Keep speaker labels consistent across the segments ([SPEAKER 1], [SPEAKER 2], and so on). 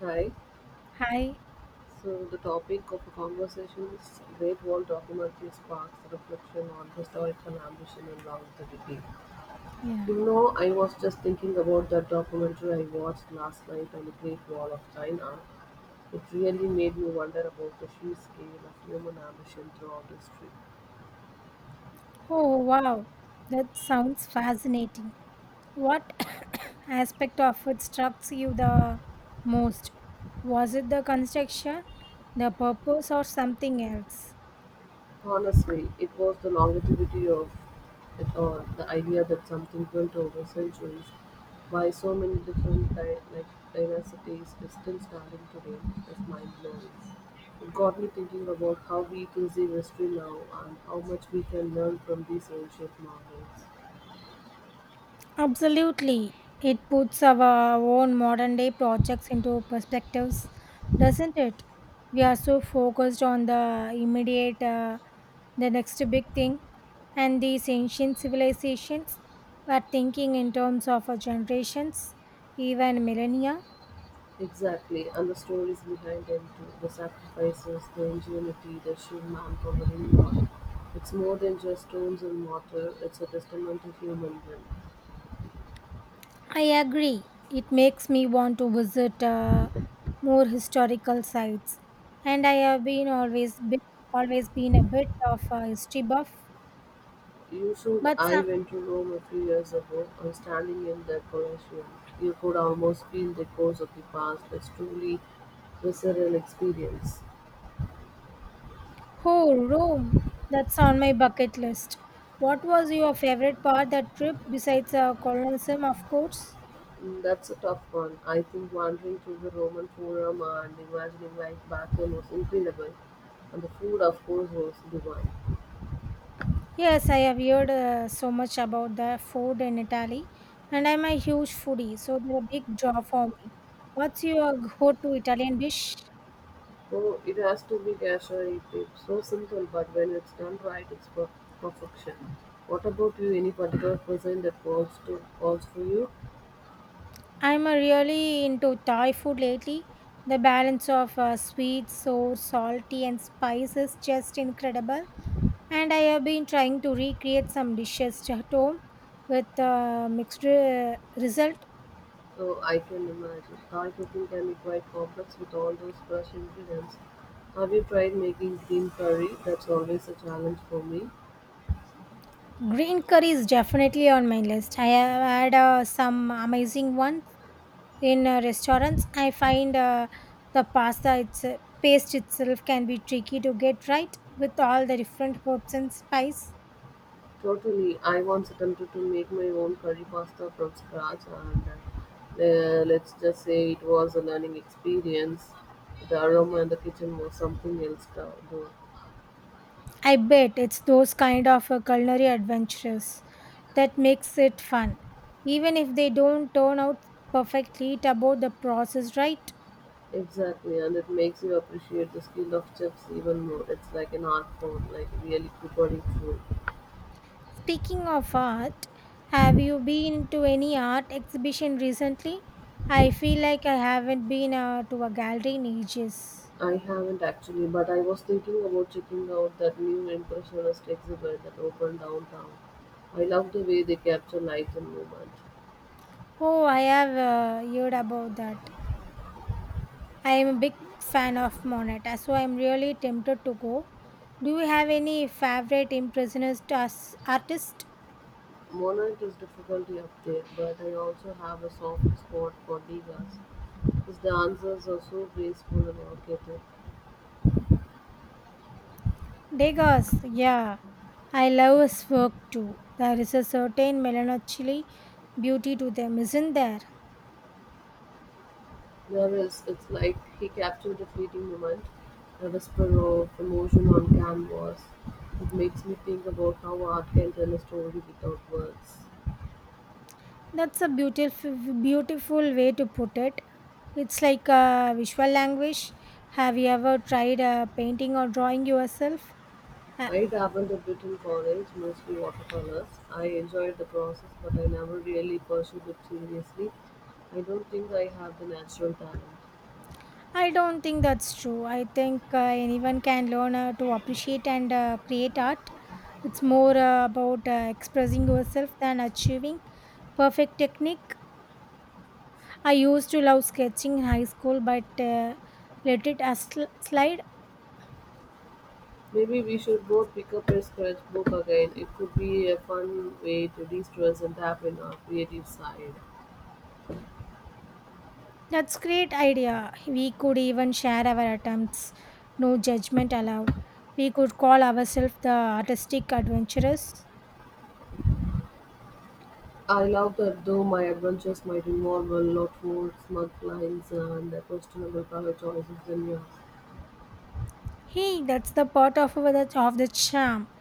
[SPEAKER 1] Hi.
[SPEAKER 2] Hi.
[SPEAKER 1] So the topic of the conversation is Great Wall documentary sparks reflection on historical ambition and longevity.
[SPEAKER 2] Yeah.
[SPEAKER 1] You know, I was just thinking about that documentary I watched last night on the Great Wall of China. It really made me wonder about the sheer scale of human ambition throughout history.
[SPEAKER 2] Oh, wow. That sounds fascinating. What aspect of it struck you the most? Was it the construction, the purpose, or something else?
[SPEAKER 1] Honestly, it was the longevity of it all, the idea that something built over centuries by so many different dynasties is still standing today is mind-blowing. It got me thinking about how we perceive history now and how much we can learn from these ancient marvels.
[SPEAKER 2] Absolutely. It puts our own modern day projects into perspectives, doesn't it? We are so focused on the immediate, the next big thing, and these ancient civilizations were thinking in terms of our generations, even millennia.
[SPEAKER 1] Exactly, and the stories behind them too, the sacrifices, the ingenuity, the sheer manpower involved. It's more than just stones and mortar, it's a testament to human will.
[SPEAKER 2] I agree. It makes me want to visit more historical sites, and I have always been a bit of a history buff.
[SPEAKER 1] You should.
[SPEAKER 2] But
[SPEAKER 1] I
[SPEAKER 2] some,
[SPEAKER 1] went to Rome a few years ago, and standing in the Colosseum, you could almost feel the echoes of the past. It's truly visceral experience.
[SPEAKER 2] oh, Rome! That's on my bucket list. What was your favorite part that trip besides Colosseum, of course?
[SPEAKER 1] Mm, that's a tough one. I think wandering through the Roman Forum and imagining life back then was incredible, and the food, of course, was divine.
[SPEAKER 2] Yes, I have heard so much about the food in Italy, and I'm a huge foodie, so they're a big draw for me. What's your go-to Italian dish?
[SPEAKER 1] So it has to be gasha. It's so simple, but when it's done right, it's perfection. What about you? Any particular cuisine that calls for you?
[SPEAKER 2] I'm really into Thai food lately. The balance of sweet, sour, salty, and spice is just incredible. And I have been trying to recreate some dishes at home with mixed result.
[SPEAKER 1] So I can imagine. Thai cooking can be quite complex with all those fresh ingredients. Have you tried making green curry? That's always a challenge for me.
[SPEAKER 2] Green curry is definitely on my list. I have had some amazing ones in restaurants. I find the pasta its paste itself can be tricky to get right with all the different herbs and spice.
[SPEAKER 1] Totally. I once attempted to make my own curry pasta from scratch, and let's just say it was a learning experience. The aroma in the kitchen was something else, though.
[SPEAKER 2] I bet it's those kind of culinary adventures that makes it fun, even if they don't turn out perfectly. It's about the process, right?
[SPEAKER 1] Exactly, and it makes you appreciate the skill of chefs even more. It's like an art form, like really preparing food.
[SPEAKER 2] Speaking of art, have you been to any art exhibition recently? I feel like I haven't been to a gallery in ages.
[SPEAKER 1] I haven't actually, but I was thinking about checking out that new Impressionist exhibit that opened downtown. I love the way they capture light and movement.
[SPEAKER 2] Oh, I have heard about that. I am a big fan of Monet, so I'm really tempted to go. Do you have any favorite impressionist artist?
[SPEAKER 1] Monet is difficulty up there, but I also have a soft spot for Degas. His dancers are so graceful and evocative.
[SPEAKER 2] Degas, yeah. I love his work too. There is a certain melancholy beauty to them, isn't there?
[SPEAKER 1] There is, it's like he captured a fleeting moment, a whisper of emotion on canvas. It makes me think about how art can tell a story without words.
[SPEAKER 2] That's a beautiful, beautiful way to put it. It's like a visual language. Have you ever tried painting or drawing yourself? Uh,
[SPEAKER 1] I dabbled a bit in college, mostly watercolors. I enjoyed the process, but I never really pursued it seriously. I don't think I have the natural talent.
[SPEAKER 2] I don't think that's true. I think anyone can learn to appreciate and create art. It's more about expressing yourself than achieving perfect technique. I used to love sketching in high school, but let it slide.
[SPEAKER 1] Maybe we should both pick up a sketchbook again. It could be a fun way to de stress and tap in our creative side.
[SPEAKER 2] That's great idea. We could even share our attempts. No judgment allowed. We could call ourselves the artistic adventurers.
[SPEAKER 1] I love that though my adventures might involve a lot more smug lines and questionable color choices than yours.
[SPEAKER 2] Hey, that's the part of our, of the charm.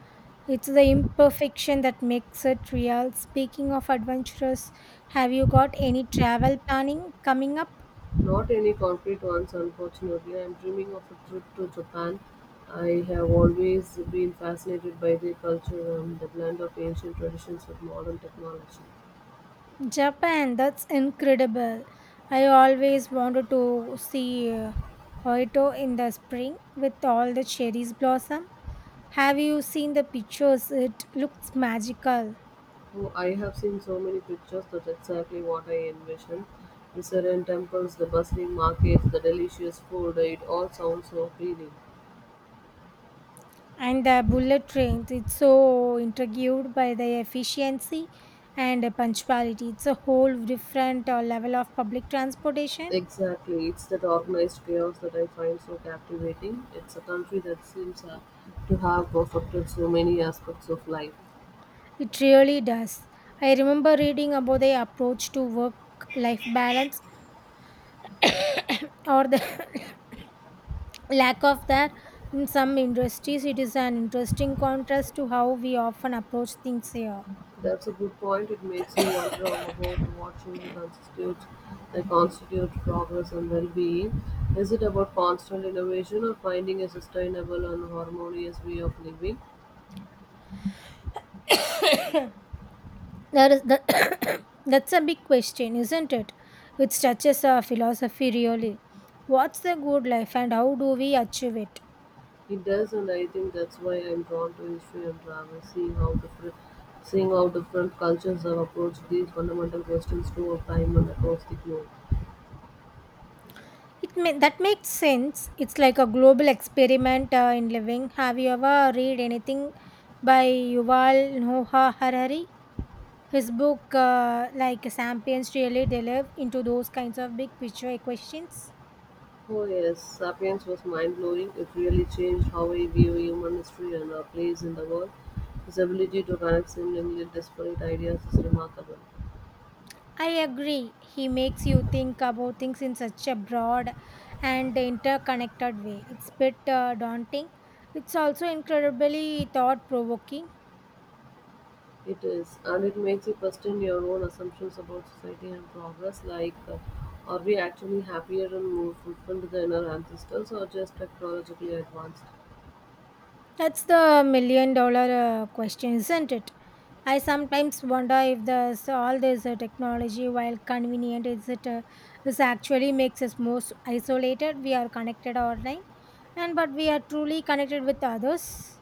[SPEAKER 2] It's the imperfection that makes it real. Speaking of adventurers, have you got any travel planning coming up?
[SPEAKER 1] Not any concrete ones unfortunately. I'm dreaming of a trip to Japan. I have always been fascinated by their culture and the blend of ancient traditions with modern technology.
[SPEAKER 2] Japan, that's incredible. I always wanted to see Kyoto in the spring with all the cherries blossom. Have you seen the pictures? It looks magical.
[SPEAKER 1] Oh, I have seen so many pictures. That's exactly what I envisioned. The serene temples, the bustling markets, the delicious food. It all sounds so appealing.
[SPEAKER 2] And the bullet trains, it's so intrigued by the efficiency and punctuality. It's a whole different level of public transportation.
[SPEAKER 1] Exactly. It's that organized chaos that I find so captivating. It's a country that seems to have perfected so many aspects of life.
[SPEAKER 2] It really does. I remember reading about the approach to work life balance or the lack of that in some industries, it is an interesting contrast to how we often approach things here.
[SPEAKER 1] That's a good point. It makes you wonder about what truly constitutes progress and well-being. Is it about constant innovation or finding a sustainable and harmonious way of living?
[SPEAKER 2] There is the that's a big question, isn't it? It touches our philosophy, really. What's the good life and how do we achieve it?
[SPEAKER 1] It does, and I think that's why I'm drawn to history and travel, seeing how different cultures have approached these fundamental questions throughout time and across the globe.
[SPEAKER 2] That makes sense. It's like a global experiment in living. Have you ever read anything by Yuval Noah Harari? His book like Sapiens really delve into those kinds of big picture questions.
[SPEAKER 1] Oh yes, Sapiens was mind-blowing. It really changed how we view human history and our place in the world. His ability to connect seemingly disparate ideas is remarkable.
[SPEAKER 2] I agree. He makes you think about things in such a broad and interconnected way. It's a bit daunting. It's also incredibly thought provoking.
[SPEAKER 1] It is, and it makes you question your own assumptions about society and progress. Like, are we actually happier and more fulfilled than our ancestors, or just technologically advanced?
[SPEAKER 2] That's the million dollar question, isn't it? I sometimes wonder if all this technology, while convenient, is actually makes us more isolated. We are connected online, and but we are truly connected with others.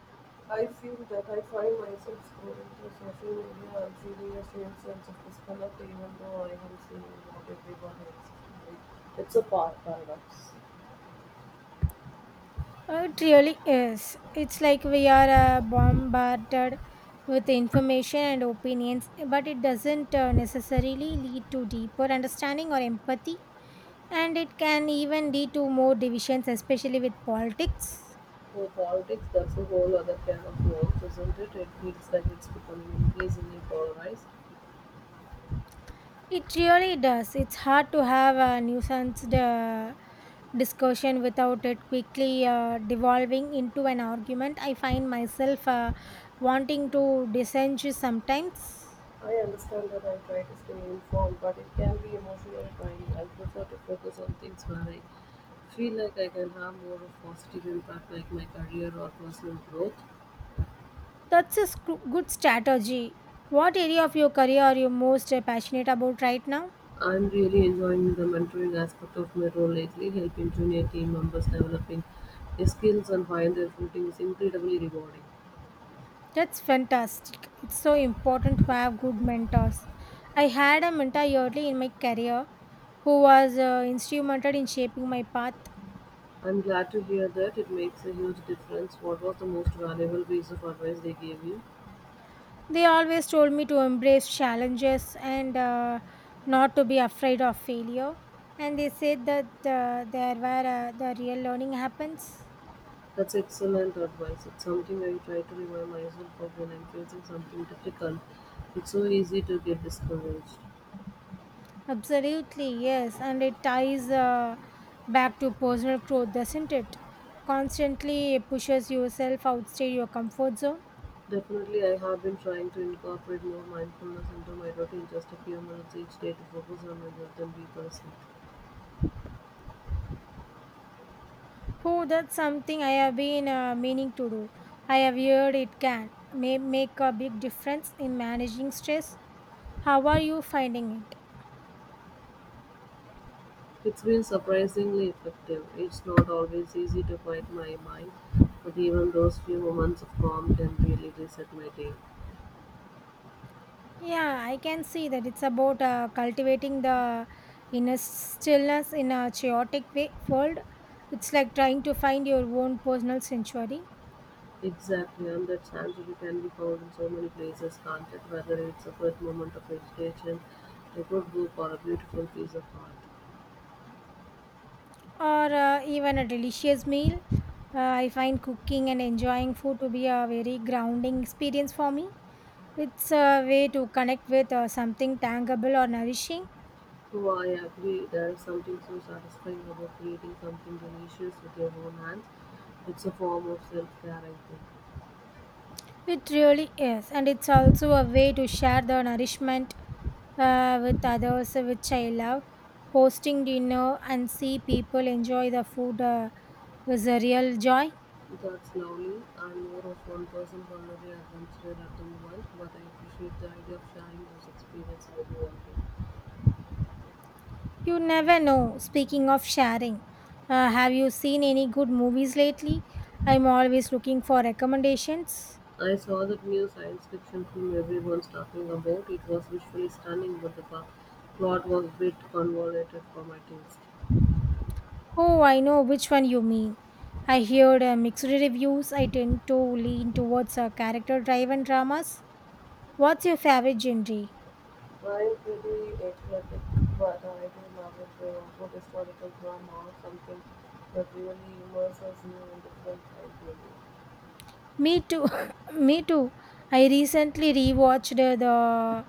[SPEAKER 1] I feel that I find myself scrolling through social media and feeling a strange sense of disconnect even though I am seeing what everyone else is doing. It's a paradox.
[SPEAKER 2] It really is. It's like we are bombarded with information and opinions, but it doesn't necessarily lead to deeper understanding or empathy. And it can even lead to more divisions, especially with politics.
[SPEAKER 1] For politics, that's a whole other can of worms, isn't it? It feels like it's becoming increasingly polarized.
[SPEAKER 2] It really does. It's hard to have a nuanced discussion without it quickly devolving into an argument. I find myself wanting to dissent sometimes.
[SPEAKER 1] I understand that I try to stay informed, but it can be emotionally draining. I prefer to focus on things where I feel like I can have more of positive impact, like my career or personal growth.
[SPEAKER 2] Good strategy. What area of your career are you most passionate about right now?
[SPEAKER 1] I'm really enjoying the mentoring aspect of my role lately, helping junior team members developing their skills and find their footing is incredibly rewarding.
[SPEAKER 2] That's fantastic. It's so important to have good mentors. I had a mentor early in my career who was instrumental in shaping my path.
[SPEAKER 1] I'm glad to hear that it makes a huge difference. What was the most valuable piece of advice they gave you?
[SPEAKER 2] They always told me to embrace challenges and not to be afraid of failure. And they said that the real learning happens.
[SPEAKER 1] That's excellent advice. It's something I try to remind myself of when I'm facing something difficult. It's so easy to get discouraged.
[SPEAKER 2] Absolutely, yes. And it ties back to personal growth, doesn't it? Constantly pushes yourself outside your comfort zone.
[SPEAKER 1] Definitely, I have been trying to incorporate more mindfulness into my routine, just a few minutes each day to focus on my breath and be present.
[SPEAKER 2] Oh, that's something I have been meaning to do. I have heard it can may make a big difference in managing stress. How are you finding it?
[SPEAKER 1] It's been surprisingly effective. It's not always easy to quiet my mind, but even those few moments of calm can really reset my day.
[SPEAKER 2] Yeah, I can see that it's about cultivating the inner stillness in a chaotic way, world. It's like trying to find your own personal sanctuary.
[SPEAKER 1] Exactly, and that sanctuary can be found in so many places, can't it? Whether it's a good moment of meditation, a good book, or a beautiful piece of art.
[SPEAKER 2] Or even a delicious meal. I find cooking and enjoying food to be a very grounding experience for me. It's a way to connect with something tangible or nourishing.
[SPEAKER 1] Oh, I agree. There is something so satisfying about creating something delicious with your own hands. It's a form of self care, I think.
[SPEAKER 2] It really is. And it's also a way to share the nourishment with others, which I love. Hosting dinner and see people enjoy the food is a real joy.
[SPEAKER 1] That's lovely. I'm more of one person holiday adventurer at the moment, but I appreciate the idea of sharing those experiences with you all.
[SPEAKER 2] You never know. Speaking of sharing, have you seen any good movies lately? I'm always looking for recommendations.
[SPEAKER 1] I saw that new science fiction film everyone's talking about. It was visually stunning, but the plot was a bit convoluted for my taste.
[SPEAKER 2] Oh, I know which one you mean. I heard mixed reviews. I tend to lean towards character driven dramas. What's your favorite genre?
[SPEAKER 1] I'm pretty athletic, but I do love a good historical drama or something that really immerses you in different time.
[SPEAKER 2] Me too. Me too. I recently rewatched The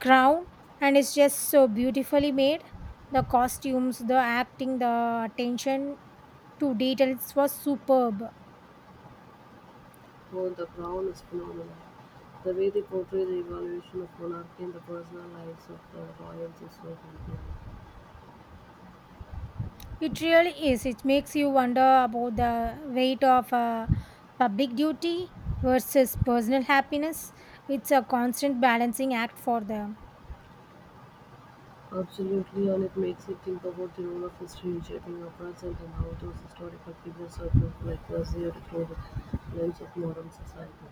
[SPEAKER 2] Crown, and it's just so beautifully made. The costumes, the acting, the attention to detail. It was superb.
[SPEAKER 1] Oh, the Crown is phenomenal. The way they portray the evolution of monarchy and the personal lives of the royals is so compelling.
[SPEAKER 2] It really is. It makes you wonder about the weight of public duty versus personal happiness. It's a constant balancing act for them.
[SPEAKER 1] Absolutely, and it makes you think about the role of history in shaping our present and how those historical figures are looked like perceived through the lens of modern society.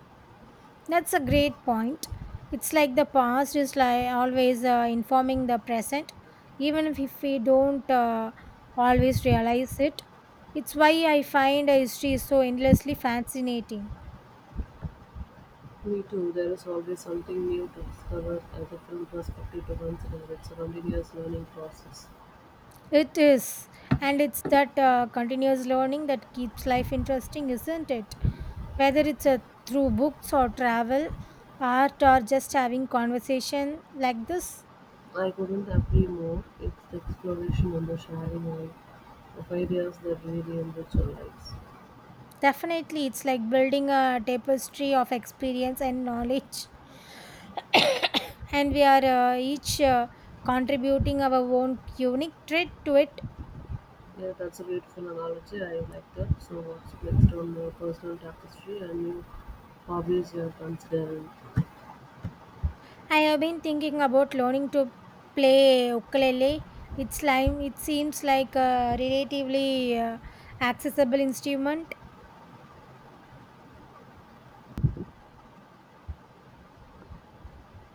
[SPEAKER 2] That's a great point. It's like the past is like always informing the present, even if we don't always realize it. It's why I find history is so endlessly fascinating.
[SPEAKER 1] Me too, there is always something new to discover and a different perspective to consider. It's a continuous learning process.
[SPEAKER 2] It is. And it's that continuous learning that keeps life interesting, isn't it? Whether it's through books or travel, art, or just having conversation like this,
[SPEAKER 1] I couldn't agree more. It's the exploration and the sharing of ideas that really enrich our lives.
[SPEAKER 2] definitely it's like building a tapestry of experience and knowledge. And we are each contributing our own unique trait to it.
[SPEAKER 1] Yeah, that's a beautiful analogy. I like that. So, what's next on your personal tapestry and new hobbies you are considering?
[SPEAKER 2] I have been thinking about learning to play ukulele. It seems like a relatively accessible instrument.